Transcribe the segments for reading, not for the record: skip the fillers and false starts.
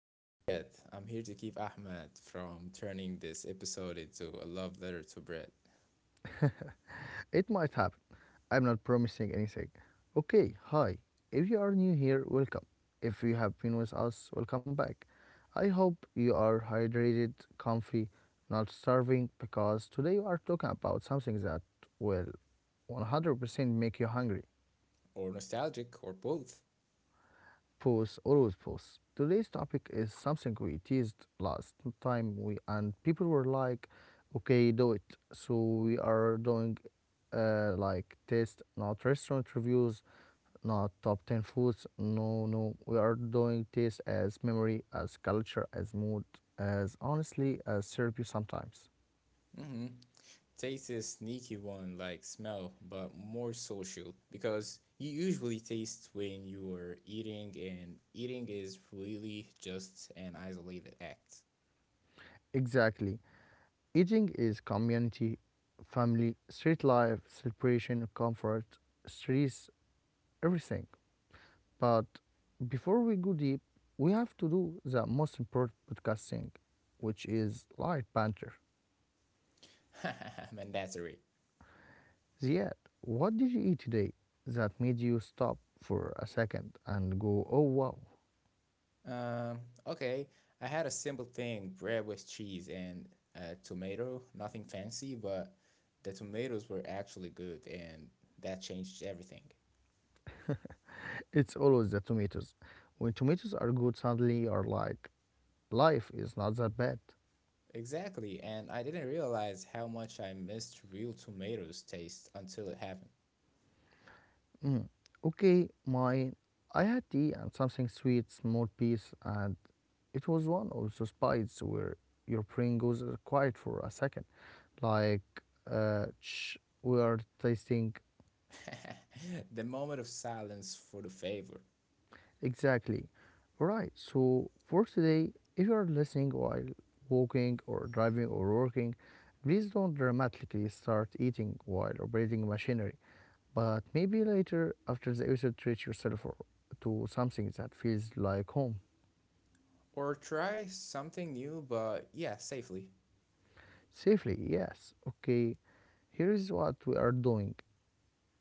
And I'm Ziad. I'm here to keep Ahmed from turning this episode into a love letter to bread, It might happen. I'm not promising anything. Okay, hi. If you are new here, welcome. If you have been with us, welcome back. I hope you are hydrated, comfy, not starving, because today we are talking about something that will 100% make you hungry. or nostalgic, or both. Pause, always pause. Today's topic is something we teased last time we and people were like, okay, do it. So we are doing like taste, not restaurant reviews, not top 10 foods. No, no. We are doing taste as memory, as culture, as mood, as honestly, as therapy sometimes. Mm-hmm. Taste is sneaky one like smell, but more social because you usually taste when you're eating, and eating is really just an isolated act. Exactly. Eating is community, family, street life, celebration, comfort, stress, everything. But before we go deep, we have to do the most important podcast thing, which is light banter. Mandatory. Ziad, what did you eat today that made you stop for a second and go, oh wow? Um, okay, I had a simple thing, bread with cheese and tomato, nothing fancy, but the tomatoes were actually good and that changed everything. It's always the tomatoes. When tomatoes are good, suddenly you're like, life is not that bad. Exactly, and I didn't realize how much I missed real tomatoes taste until it happened. Mm. Okay, mine. I had tea and something sweet, small piece, and it was one also spites where your brain goes quiet for a second, like uh, we are tasting The moment of silence for the favor. exactly. Right. So for today, if you are listening while walking or driving or working, please don't dramatically start eating while operating machinery. But maybe later after the episode, treat yourself or to something that feels like home. Or try something new, but yeah, safely. Safely, yes. Okay, here is what we are doing.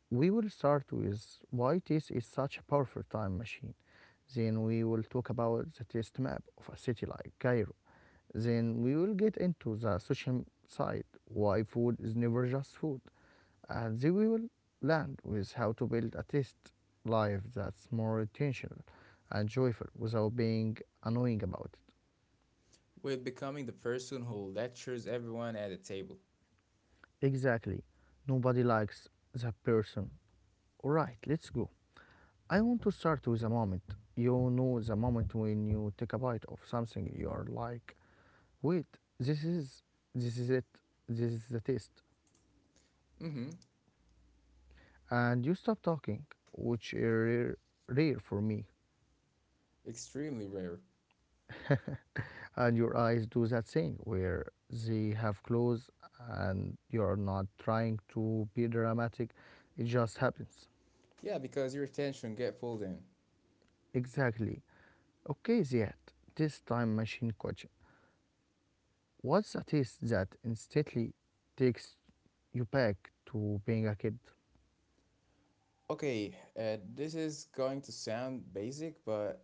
We will start with why taste is such a powerful time machine. Then we will talk about the taste map of a city like Cairo. Then we will get into the social side, why food is never just food. And then we will land with how to build a taste life that's more intentional and joyful without being annoying about it. With becoming the person who lectures everyone at the table. Exactly. Nobody likes that person. Alright, let's go. I want to start with a moment. You know, the moment when you take a bite of something, you are like, wait, this is it, this is the taste. Mm hmm. And you stop talking, which is rare, rare for me. Extremely rare. And your eyes do that thing where they have closed and you're not trying to be dramatic, it just happens. Yeah, because your attention get pulled in. Exactly. Okay, Ziad, this time machine question. What's a taste that instantly takes you back to being a kid? Okay, this is going to sound basic, but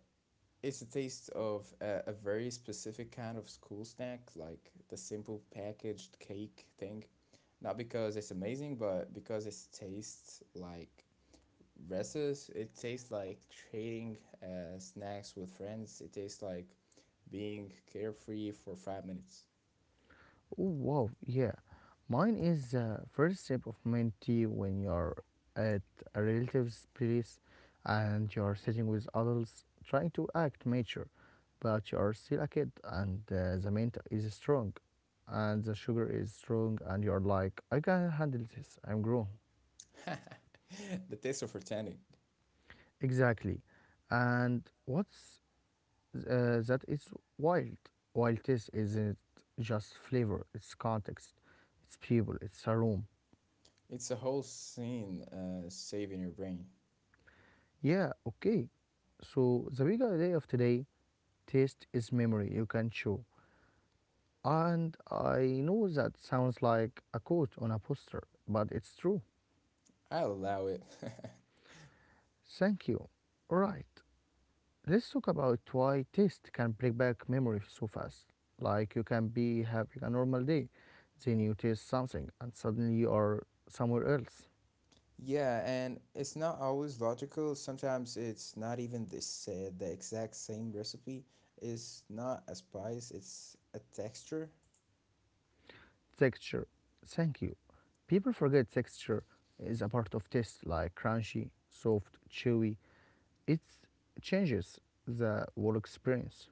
it's a taste of a very specific kind of school snack, like the simple packaged cake thing. Not because it's amazing, but because it tastes like recess. It tastes like trading snacks with friends. It tastes like being carefree for 5 minutes. Oh, wow, yeah. Mine is the first sip of mint tea when you're at a relative's place and you're sitting with adults trying to act mature, but you're still a kid and the mint is strong and the sugar is strong and you're like, I can handle this, I'm grown. The taste of pretending. Exactly. And what's that is wild. Wild taste isn't just flavor, it's context, it's people, it's a room. It's a whole scene saving your brain. Yeah, okay. So the big idea of today, taste is memory you can show. And I know that sounds like a quote on a poster, but it's true. I'll allow it. Thank you. Right, let's talk about why taste can bring back memory so fast. Like you can be having a normal day, then you taste something, and suddenly you are somewhere else. Yeah, and it's not always logical. Sometimes it's not even the exact same recipe. It's not a spice, it's a texture. Texture. Thank you. People forget texture is a part of taste, like crunchy, soft, chewy. It changes the whole experience.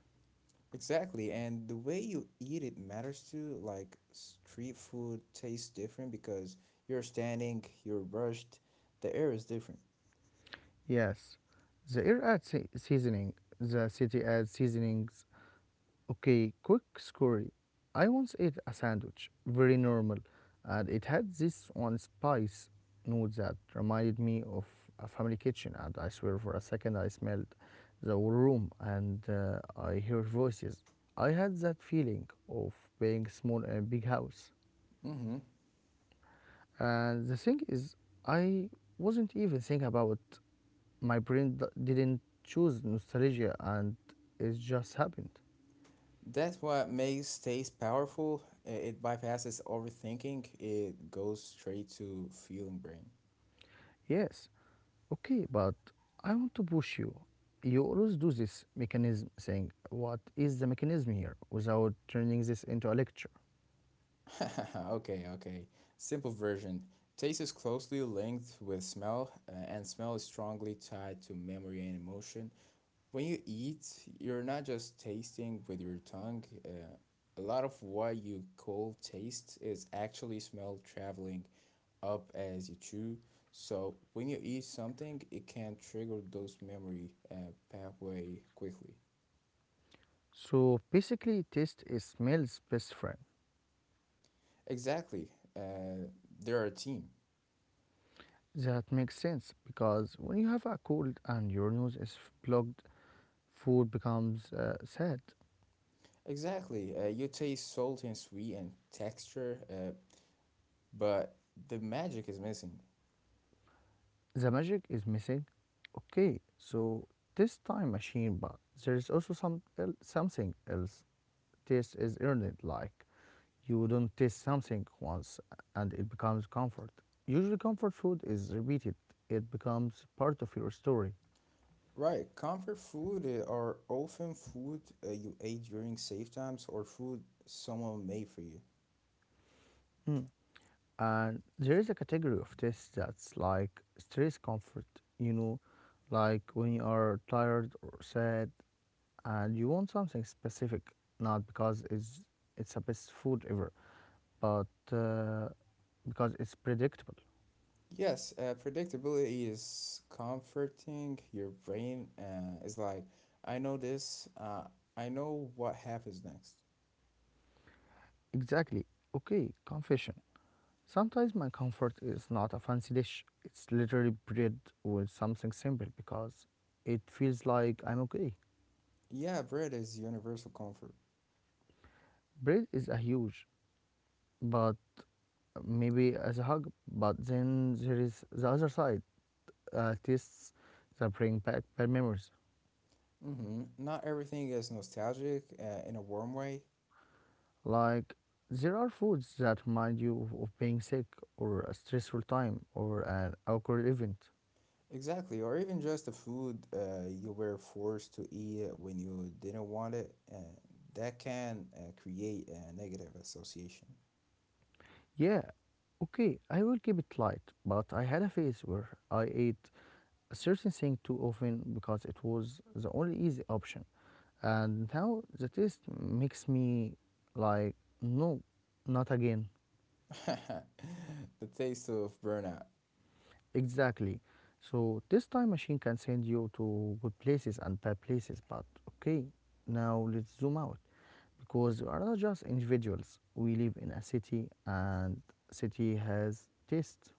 Exactly, and the way you eat it matters too. Like street food tastes different because you're standing, you're brushed, the air is different. Yes. The air adds seasoning. The city adds seasonings. Okay, quick story. I once ate a sandwich, very normal, and it had this one spice note that reminded me of a family kitchen. And I swear, for a second, I smelled the whole room and I heard voices. I had that feeling of being small in a big house. Mm-hmm. And the thing is, I wasn't even thinking about my brain didn't choose nostalgia, and it just happened. That's what makes taste powerful. It bypasses overthinking. It goes straight to feeling brain. Yes, okay, but I want to push you. You always do this mechanism, saying what is the mechanism here without turning this into a lecture? Okay. Simple version. Taste is closely linked with smell, and smell is strongly tied to memory and emotion. When you eat, you're not just tasting with your tongue. A lot of what you call taste is actually smell traveling up as you chew. So when you eat something, it can trigger those memory pathway quickly. So basically, taste is smell's best friend. Exactly. Uh, they're a team. That makes sense because when you have a cold and your nose is plugged, food becomes sad. Exactly. You taste salty and sweet and texture, but the magic is missing. The magic is missing. Okay, so this time machine, but there is also some something else. Taste is earned, like you don't taste something once and it becomes comfort. Usually, comfort food is repeated, it becomes part of your story. Right. Comfort food are often food you ate during safe times or food someone made for you. Mm. And there is a category of tastes that's like stress comfort, you know, like when you are tired or sad and you want something specific, not because it's the best food ever, but uh, because it's predictable. Yes, predictability is comforting. Your brain is like, I know this, I know what happens next. Exactly. Okay, confession. Sometimes my comfort is not a fancy dish, it's literally bread with something simple because it feels like I'm okay. Yeah, bread is universal comfort. Bread is a huge, but maybe as a hug, but then there is the other side, tastes that bring back bad memories. Mm-hmm. Not everything is nostalgic in a warm way. Like there are foods that remind you of being sick or a stressful time or an awkward event. Exactly, or even just the food you were forced to eat it when you didn't want it, that can create a negative association. Yeah, okay, I will keep it light, but I had a phase where I ate certain thing too often because it was the only easy option. And now the taste makes me like, no, not again. The taste of burnout. Exactly. So this time machine can send you to good places and bad places, but okay, now let's zoom out because we are not just individuals. We live in a city and city has taste.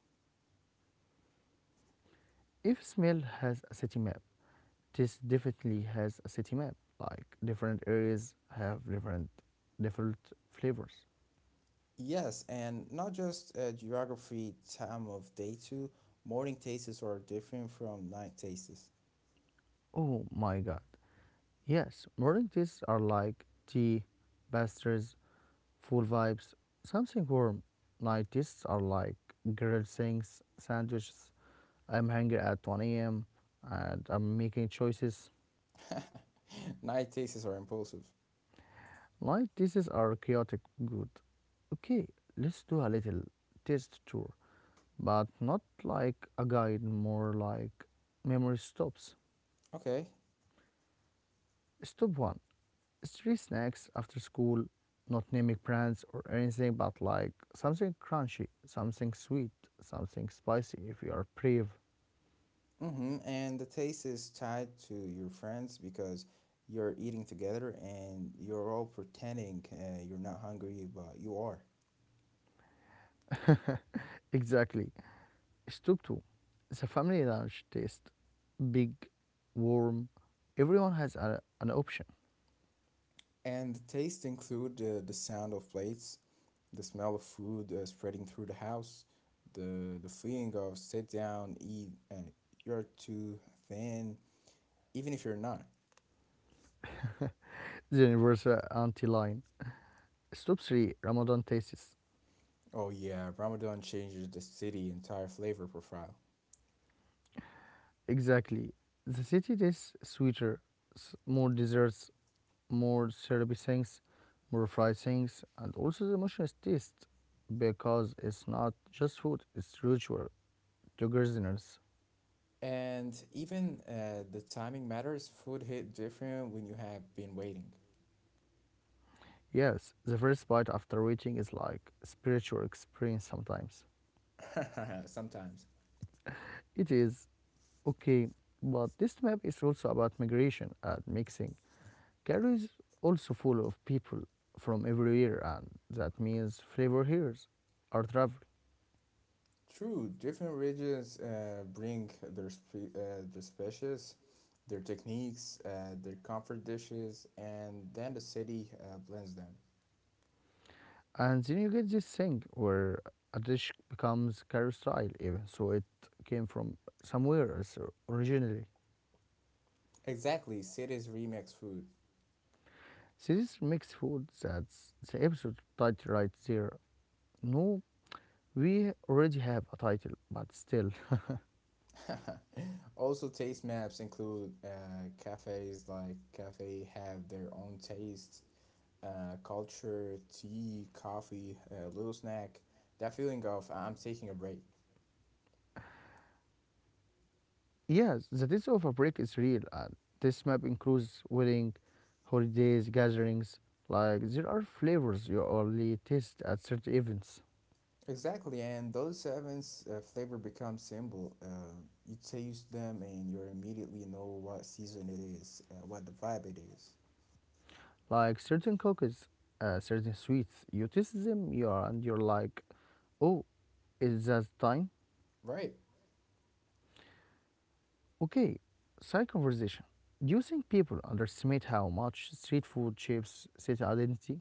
If smell has a city map, this definitely has a city map. Like different areas have different flavors. Yes, and not just geography, time of day too. Morning tastes are different from night tastes. Oh my god. Yes, morning teas are like tea, pastries, full vibes, something warm. Night teas are like grilled things, sandwiches. I'm hungry at 1 a.m. and I'm making choices. Night tastes are impulsive. Night teas are chaotic good. Okay, let's do a little taste tour, but not like a guide, more like memory stops. Okay, Stop one, street snacks after school, not naming brands or anything, but like something crunchy, something sweet, something spicy if you are brave. mm-hmm. And the taste is tied to your friends because you're eating together and you're all pretending you're not hungry, but you are. Exactly. Stop two, the family lunch taste, big, warm. Everyone has an option. And the taste include the sound of plates, the smell of food spreading through the house, the feeling of sit down, eat, you're too thin, even if you're not. The universal anti line. Stop three, Ramadan tastes Oh yeah, Ramadan changes the city entire flavor profile. exactly. The city tastes sweeter, more desserts, more servicings, more pricings, and also the emotional taste because it's not just food, it's ritual to gardeners. And even the timing matters. Food hit different when you have been waiting. Yes, the first bite after waiting is like a spiritual experience sometimes. Sometimes. It is okay, but this map is also about migration and mixing. Cairo is also full of people from everywhere, and that means flavor heroes are travelers. True, different regions bring their species, their techniques, their comfort dishes, and then the city blends them. And then you get this thing where a dish becomes carousel, even so it came from somewhere else originally. Exactly, cities remix food. Series mixed food, that's the episode title right there. No, we already have a title, but still. Also, taste maps include cafes like cafe have their own taste culture, tea, coffee, a little snack, that feeling of I'm taking a break. Yes, the days of a break is real, and this map includes wedding, holidays, gatherings. Like, there are flavors you only taste at certain events. Exactly, and those events flavor becomes symbol. You taste them and you immediately know what season it is, what the vibe it is. Like certain cookies, certain sweets, you taste them, you are, and you're like, oh, is that time? Right. Okay, side conversation. Do you think people underestimate how much street food shapes city identity?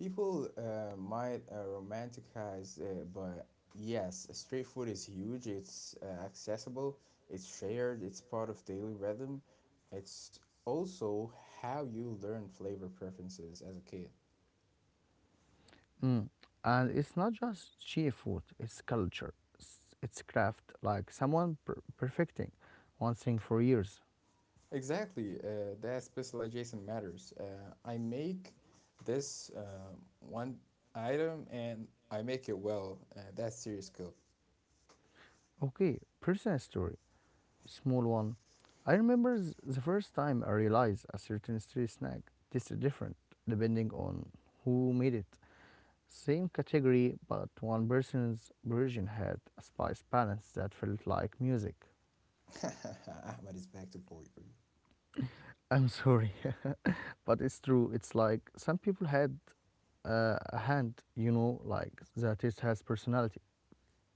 People might romanticize it, but yes, street food is huge. It's accessible, it's shared, it's part of daily rhythm. It's also how you learn flavor preferences as a kid. Mm. And it's not just cheap food, it's culture, it's craft, like someone perfecting one thing for years. Exactly, that specialization matters. I make this one item and I make it well. That's serious skill. Okay, personal story. Small one. I remember the first time I realized a certain street snack tasted different depending on who made it. Same category, but one person's version had a spice balance that felt like music. Ahmed is back to poetry. I'm sorry, but it's true. It's like some people had a hand, you know, like the taste has personality.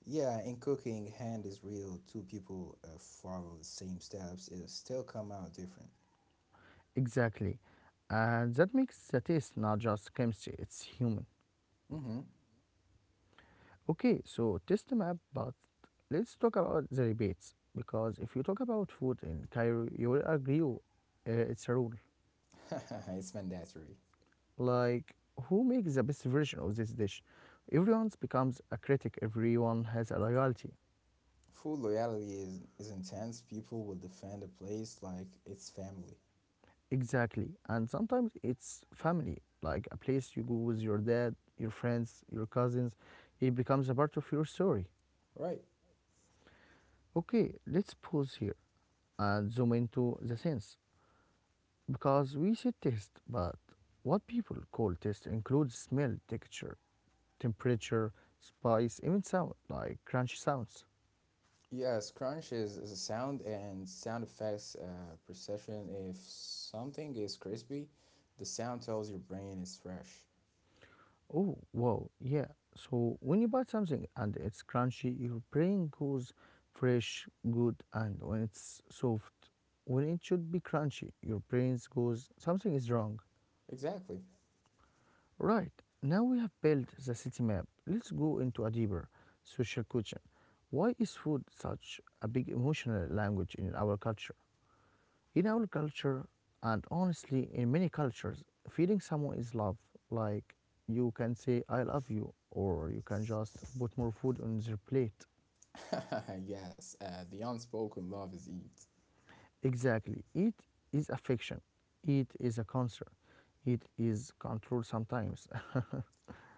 Yeah, in cooking, hand is real. Two people follow the same steps, it still come out different. Exactly. And that makes the taste not just chemistry, it's human. Mm-hmm. Okay, so test the map, but let's talk about the rebates because if you talk about food in Cairo, you will agree oh, it's a rule. It's mandatory. Like, who makes the best version of this dish? Everyone becomes a critic, everyone has a loyalty. Food loyalty is intense. People will defend a place like it's family. Exactly. And sometimes it's family, like a place you go with your dad, your friends, your cousins. It becomes a part of your story. Right. Okay, let's pause here and zoom into the sense. Because we said taste, but what people call taste includes smell, texture, temperature, spice, even sound, like crunchy sounds. Yes, crunch is a sound and sound effects perception. If something is crispy, the sound tells your brain it's fresh. Oh, wow, yeah. So when you bite something and it's crunchy, your brain goes fresh, good, and when it's soft, when it should be crunchy, your brain goes something is wrong. Exactly. Right, now we have built the city map. Let's go into a deeper social question. Why is food such a big emotional language in our culture? In our culture, and honestly, in many cultures, feeding someone is love. Like you can say, I love you, or you can just put more food on their plate. Yes, the unspoken love is eat. Exactly. It is affection, it is a concern, it is control sometimes.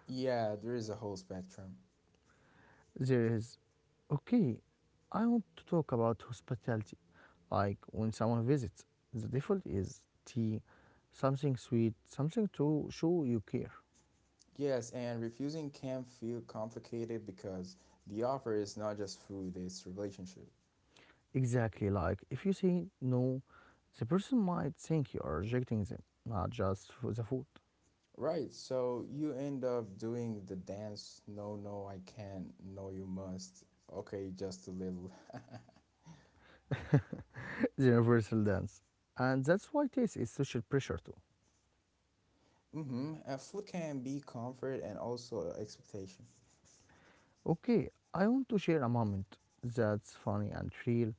Yeah, there is a whole spectrum. There is. Okay, I want to talk about hospitality. Like when someone visits, the default is tea, something sweet, something to show you care. Yes, and refusing can feel complicated because the offer is not just food, it's relationship. Exactly, like if you say no, the person might think you are rejecting them, not just for the food. Right, so you end up doing the dance, no, no, I can't, no, you must, okay, just a little. The universal dance. And that's why taste is social pressure too. Mm-hmm. And food can be comfort and also expectation. Okay, I want to share a moment that's funny and real.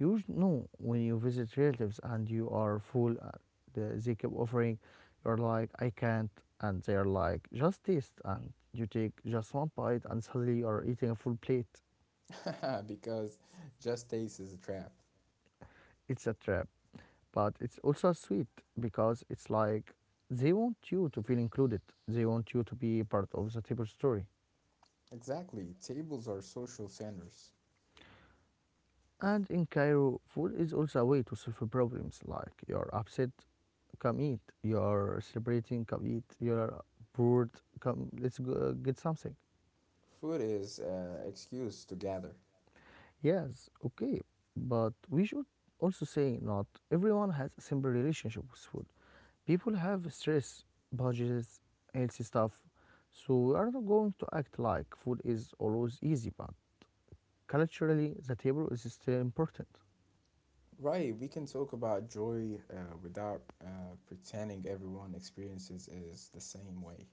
You know, when you visit relatives and you are full, they keep offering, you're like, I can't, and they're like, just taste, and you take just one bite, and suddenly you're eating a full plate. Because just taste is a trap. It's a trap, but it's also sweet because it's like they want you to feel included, they want you to be part of the table story. Exactly, tables are social centers. And in Cairo, food is also a way to solve problems. Like you're upset, come eat. You're celebrating, come eat. You're bored, come let's go get something. Food is excuse to gather. Yes, okay, but we should also say not everyone has a simple relationship with food. People have stress, budgets, healthy stuff. So we are not going to act like food is always easy, but culturally the table is still important. Right, we can talk about joy without pretending everyone experiences is the same way.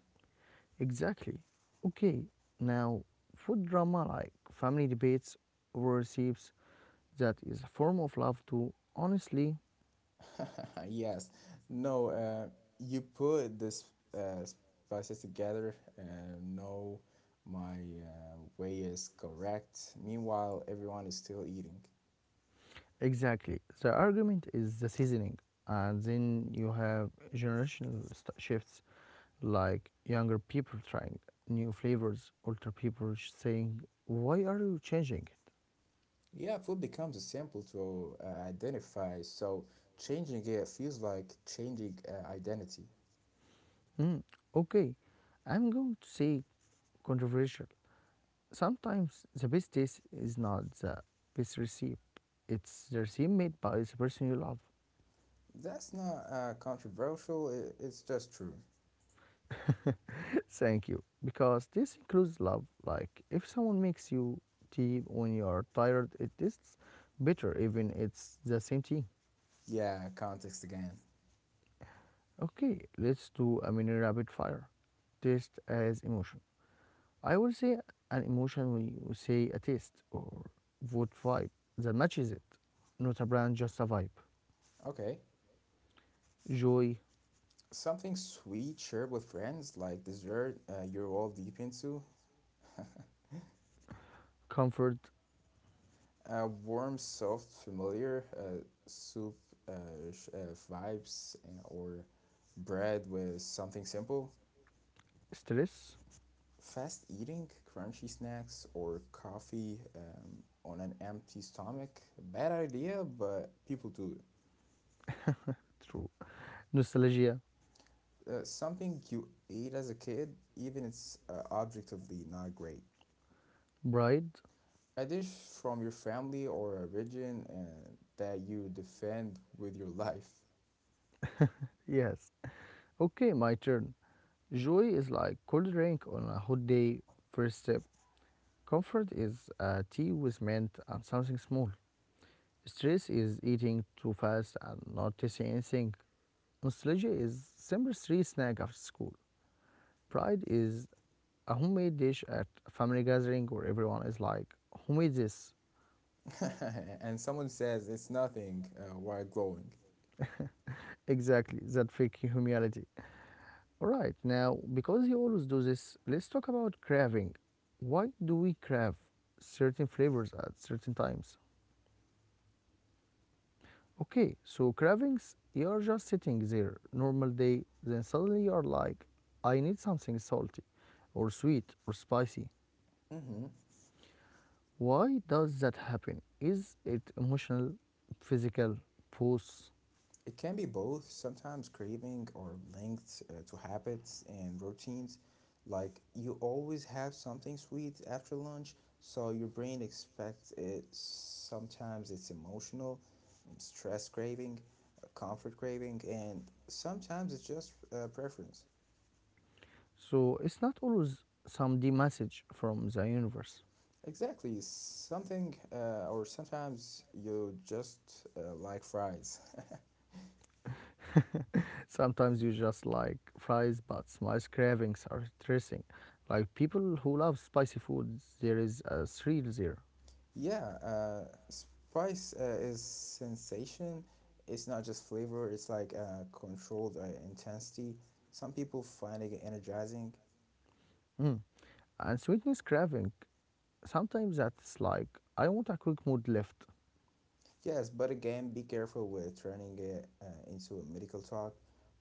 Exactly. Okay, now food drama like family debates over recipes that is a form of love too. Honestly, Yes, no, you put this uh, spices together. No, my way is correct. Meanwhile, everyone is still eating. exactly. The argument is the seasoning, and then you have generational shifts like younger people trying new flavors, older people saying, "Why are you changing it?" Yeah, food becomes a simple to identify. So changing it feels like changing identity. Mm, okay, I'm going to say controversial. Sometimes the best taste is not the best recipe, it's the recipe made by the person you love. That's not controversial. It's just true. Thank you. Because this includes love. Like if someone makes you tea when you are tired, it tastes better even it's the same tea. Yeah, context again. Okay, let's do a mini rapid fire. Taste as emotion. I will say an emotion when you say a taste or what vibe that matches it. Not a brand, just a vibe. Okay. Joy, Something sweet shared with friends, like dessert you're all deep into. comfort, A warm, soft, familiar soup uh, vibes, or bread with something simple. stress, Fast eating, crunchy snacks, or coffee on an empty stomach. Bad idea, but people do it. through nostalgia, Something you ate as a kid, even it's objectively not great. pride. A dish from your family or a region that you defend with your life. Yes. Okay, my turn. Joy is like cold drink on a hot day. First step. Comfort is tea with mint and something small. Stress is eating too fast and not tasting anything. Nostalgia is simple three snack after school. Pride is a homemade dish at a family gathering where everyone is like, who made this? And someone says it's nothing while glowing. Exactly, that fake humility. All right, now, because you always do this, let's talk about craving. Why do we crave certain flavors at certain times? Okay, so cravings, you're just sitting there, normal day, then suddenly you're like, I need something salty, or sweet, or spicy. Hmm. Why does that happen? Is it emotional, physical, pulse? It can be both, sometimes craving or linked to habits and routines. Like you always have something sweet after lunch, so your brain expects it. Sometimes it's emotional, stress craving, comfort craving, and sometimes it's just preference. So it's not always some D message from the universe. Exactly. Something, or sometimes you just like fries. Sometimes you just like fries, but my cravings are stressing. Like people who love spicy food, there is a thrill there. Yeah, spice is sensation. It's not just flavor, it's like controlled intensity. Some people find it energizing. Mm. And sweetness craving, sometimes that's like, I want a quick mood lift. Yes, but again, be careful with turning it into a medical talk.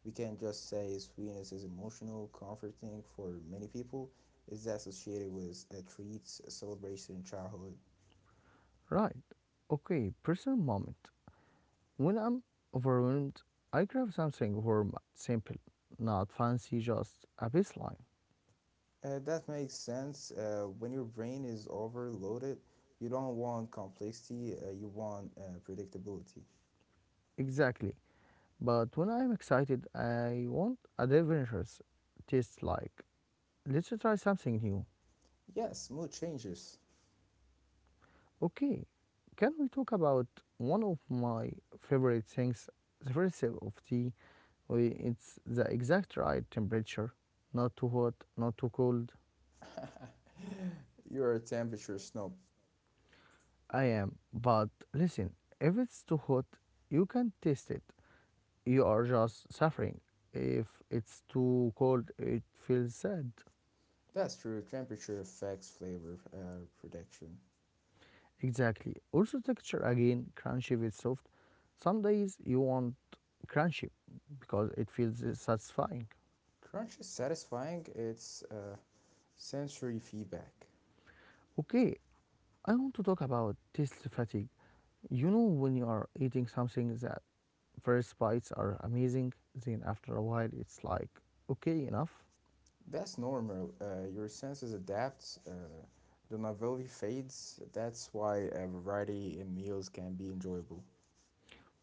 We can't just say sweetness is emotional, comforting for many people. It's associated with treats, celebration, childhood. Right. Okay, personal moment. When I'm overwhelmed, I grab something warm, simple, not fancy, just a baseline. That makes sense. When your brain is overloaded, you don't want complexity, you want predictability. Exactly. But when I'm excited, I want adventurous taste like, let's try something new. Yes, mood changes. Okay, can we talk about one of my favorite things? The first sip of tea, it's the exact right temperature, not too hot, not too cold. You're a temperature snob. I am, but listen, if it's too hot, you can taste it. You are just suffering. If it's too cold, it feels sad. That's true, temperature affects flavor prediction. Exactly. Also, texture again, crunchy with soft. Some days you want crunchy because it feels satisfying. Crunch is satisfying, it's sensory feedback. Okay, I want to talk about taste fatigue. You know, when you are eating something that first bites are amazing, then after a while it's like, okay, enough. That's normal. Your senses adapt, the novelty fades. That's why a variety in meals can be enjoyable.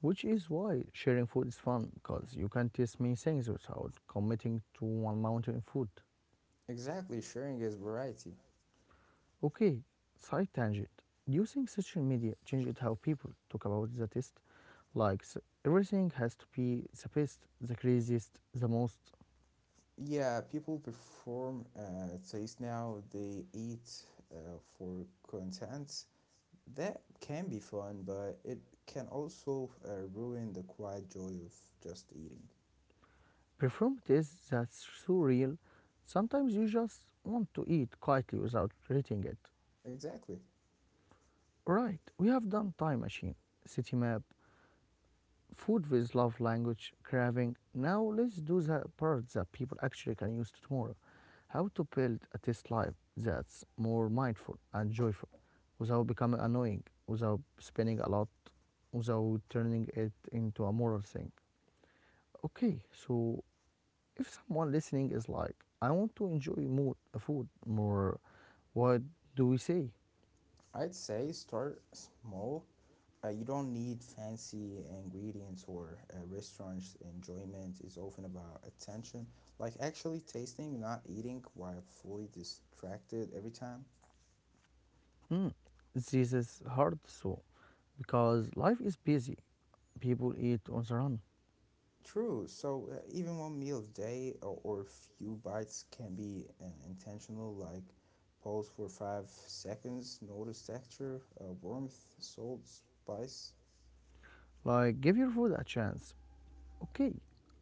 Which is why sharing food is fun, because you can taste many things without committing to one mountain of food. Exactly, sharing is variety. Okay, side tangent. Do you think social media changed how people talk about the taste? Like, everything has to be the best, the craziest, the most Yeah, people perform taste now, they eat for content. That can be fun, but it can also ruin the quiet joy of just eating. performative that's so real. Sometimes you just want to eat quietly without rating it. Exactly. Right, we have done time machine, city map, food with love language, craving. Now let's do the part that people actually can use tomorrow. How to build a taste life that's more mindful and joyful without becoming annoying, without spending a lot, without turning it into a moral thing. Okay, so if someone listening is like, I want to enjoy more food more, what do we say? I'd say start small. You don't need fancy ingredients or restaurants. Enjoyment is often about attention, like actually tasting, not eating while fully distracted every time. Mm, this is hard, so because life is busy. People eat on the run. True. So even one meal a day or a few bites can be intentional, like pause for 5 seconds, notice texture, warmth, salt, spice. Like, give your food a chance. Okay,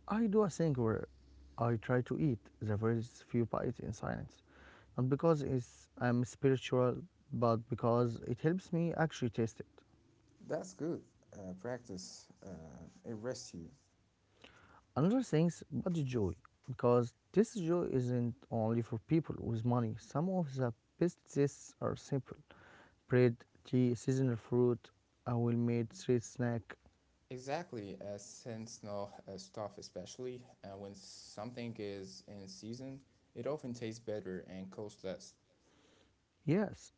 I do a thing where I try to eat the first few bites in silence, not because it's I'm spiritual, but because it helps me actually taste it. That's good. Practice. It rests you. Another thing about the joy, because this joy isn't only for people with money. Some of the best tastes are simple: bread, tea, seasonal fruit, a well-made street snack. Exactly, seasonal stuff, especially when something is in season, it often tastes better and costs less. Yes,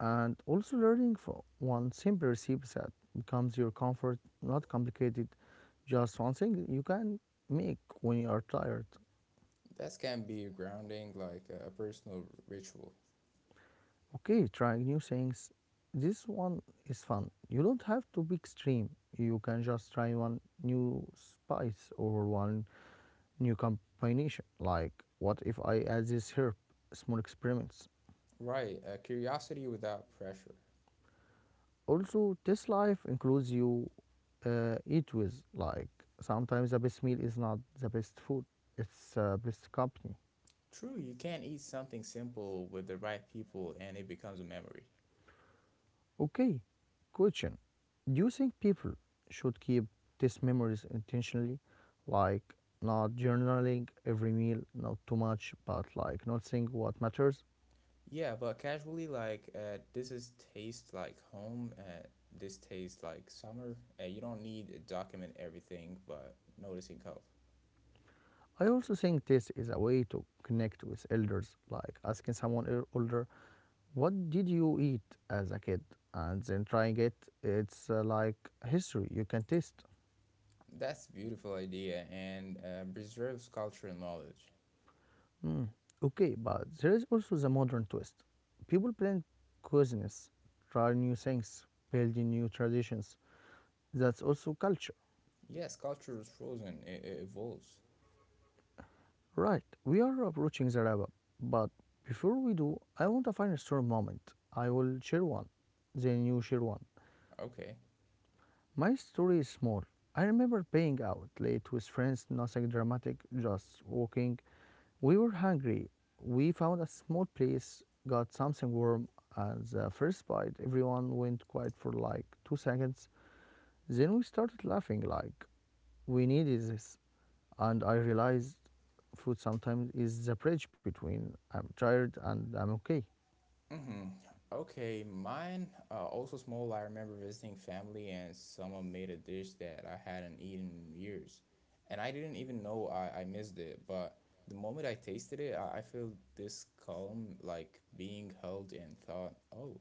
and also learning from one simple recipe that becomes your comfort, not complicated. Just one thing you can make when you are tired. That can be grounding, like a personal ritual. Okay, trying new things. This one is fun. You don't have to be extreme. You can just try one new spice or one new combination. Like, what if I add this herb? Small experiments. Right, curiosity without pressure. Also, this life includes you eat with. Like, sometimes the best meal is not the best food, it's best company. True, you can not eat something simple with the right people and it becomes a memory. Okay, question. Do you think people should keep these memories intentionally, like not journaling every meal, not too much, but like not saying what matters? Yeah, but casually, like, this is taste like home, this tastes like summer. You don't need to document everything, but noticing help. I also think this is a way to connect with elders, like asking someone older, what did you eat as a kid? And then trying it. It's like history you can taste. That's a beautiful idea and preserves culture and knowledge. Hmm. Okay, but there is also the modern twist. People blend cuisines, try new things, build new traditions. That's also culture. Yes, culture is frozen, it evolves. Right, we are approaching the wrap up, but before we do, I want to find a story moment. I will share one, then you share one. Okay. My story is small. I remember being out late with friends, nothing dramatic, just walking, we were hungry. We found a small place, got something warm as a first bite. Everyone went quiet for like 2 seconds. Then we started laughing like we needed this. And I realized food sometimes is the bridge between I'm tired and I'm okay. Mm-hmm. Okay, mine also small. I remember visiting family and someone made a dish that I hadn't eaten in years, and I didn't even know I missed it. But the moment I tasted it, I feel this calm, like being held, and thought, "Oh,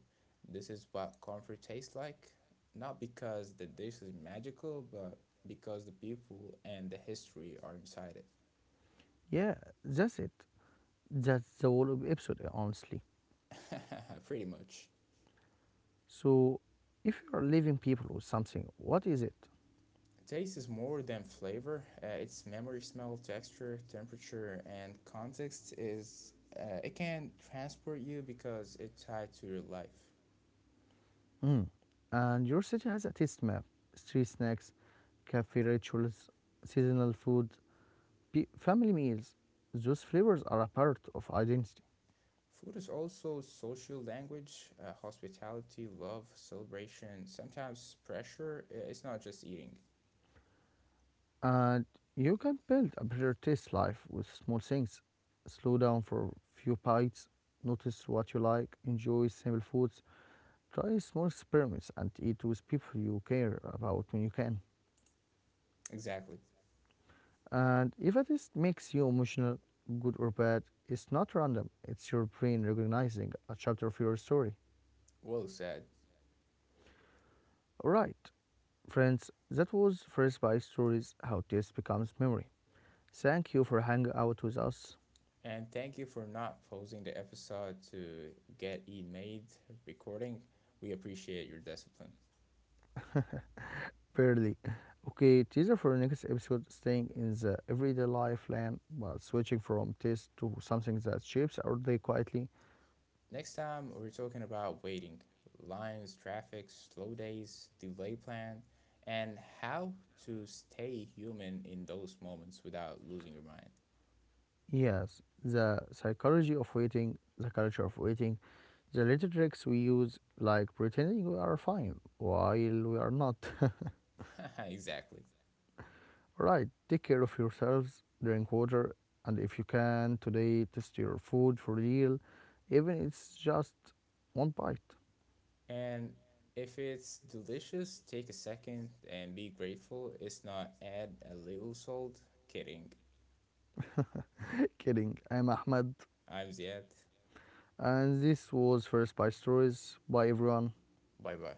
this is what comfort tastes like." Not because the dish is magical, but because the people and the history are inside Yeah, that's it. That's the whole episode, honestly. it. Pretty much. So, if you are leaving people with something, what is it? Taste is more than flavor. It's memory, smell, texture, temperature, and context. Is it can transport you because it's tied to your life. Mm. And your city has a taste map, street snacks, cafe rituals, seasonal food, family meals. Those flavors are a part of identity. Food is also social language, hospitality, love, celebration, sometimes pressure. It's not just eating. And you can build a better taste life with small things. Slow down for few bites, notice what you like, enjoy simple foods, try small experiments, and eat with people you care about when you can. Exactly. And if a test makes you emotional, good or bad, it's not random. It's your brain recognizing a chapter of your story. Well said. Alright, friends, that was First by Stories How Taste Becomes Memory. Thank you for hanging out with us. And thank you for not pausing the episode to get e made recording. We appreciate your discipline. Barely. Okay, teaser for the next episode staying in the everyday life land but switching from taste to something that shapes our day quietly. Next time, we're talking about waiting, lines, traffic, slow days, delay plan, and how to stay human in those moments without losing your mind. Yes, the psychology of waiting, the culture of waiting, the little tricks we use, like pretending we are fine while we are not. Exactly. Right, take care of yourselves, drink water, and if you can today, test your food for real, even if it's just one bite. And if it's delicious, take a second and be grateful. It's not add a little salt. Kidding. Kidding, I'm Ahmed, I'm Ziad. and this was First Bite Stories. Bye everyone. Bye bye.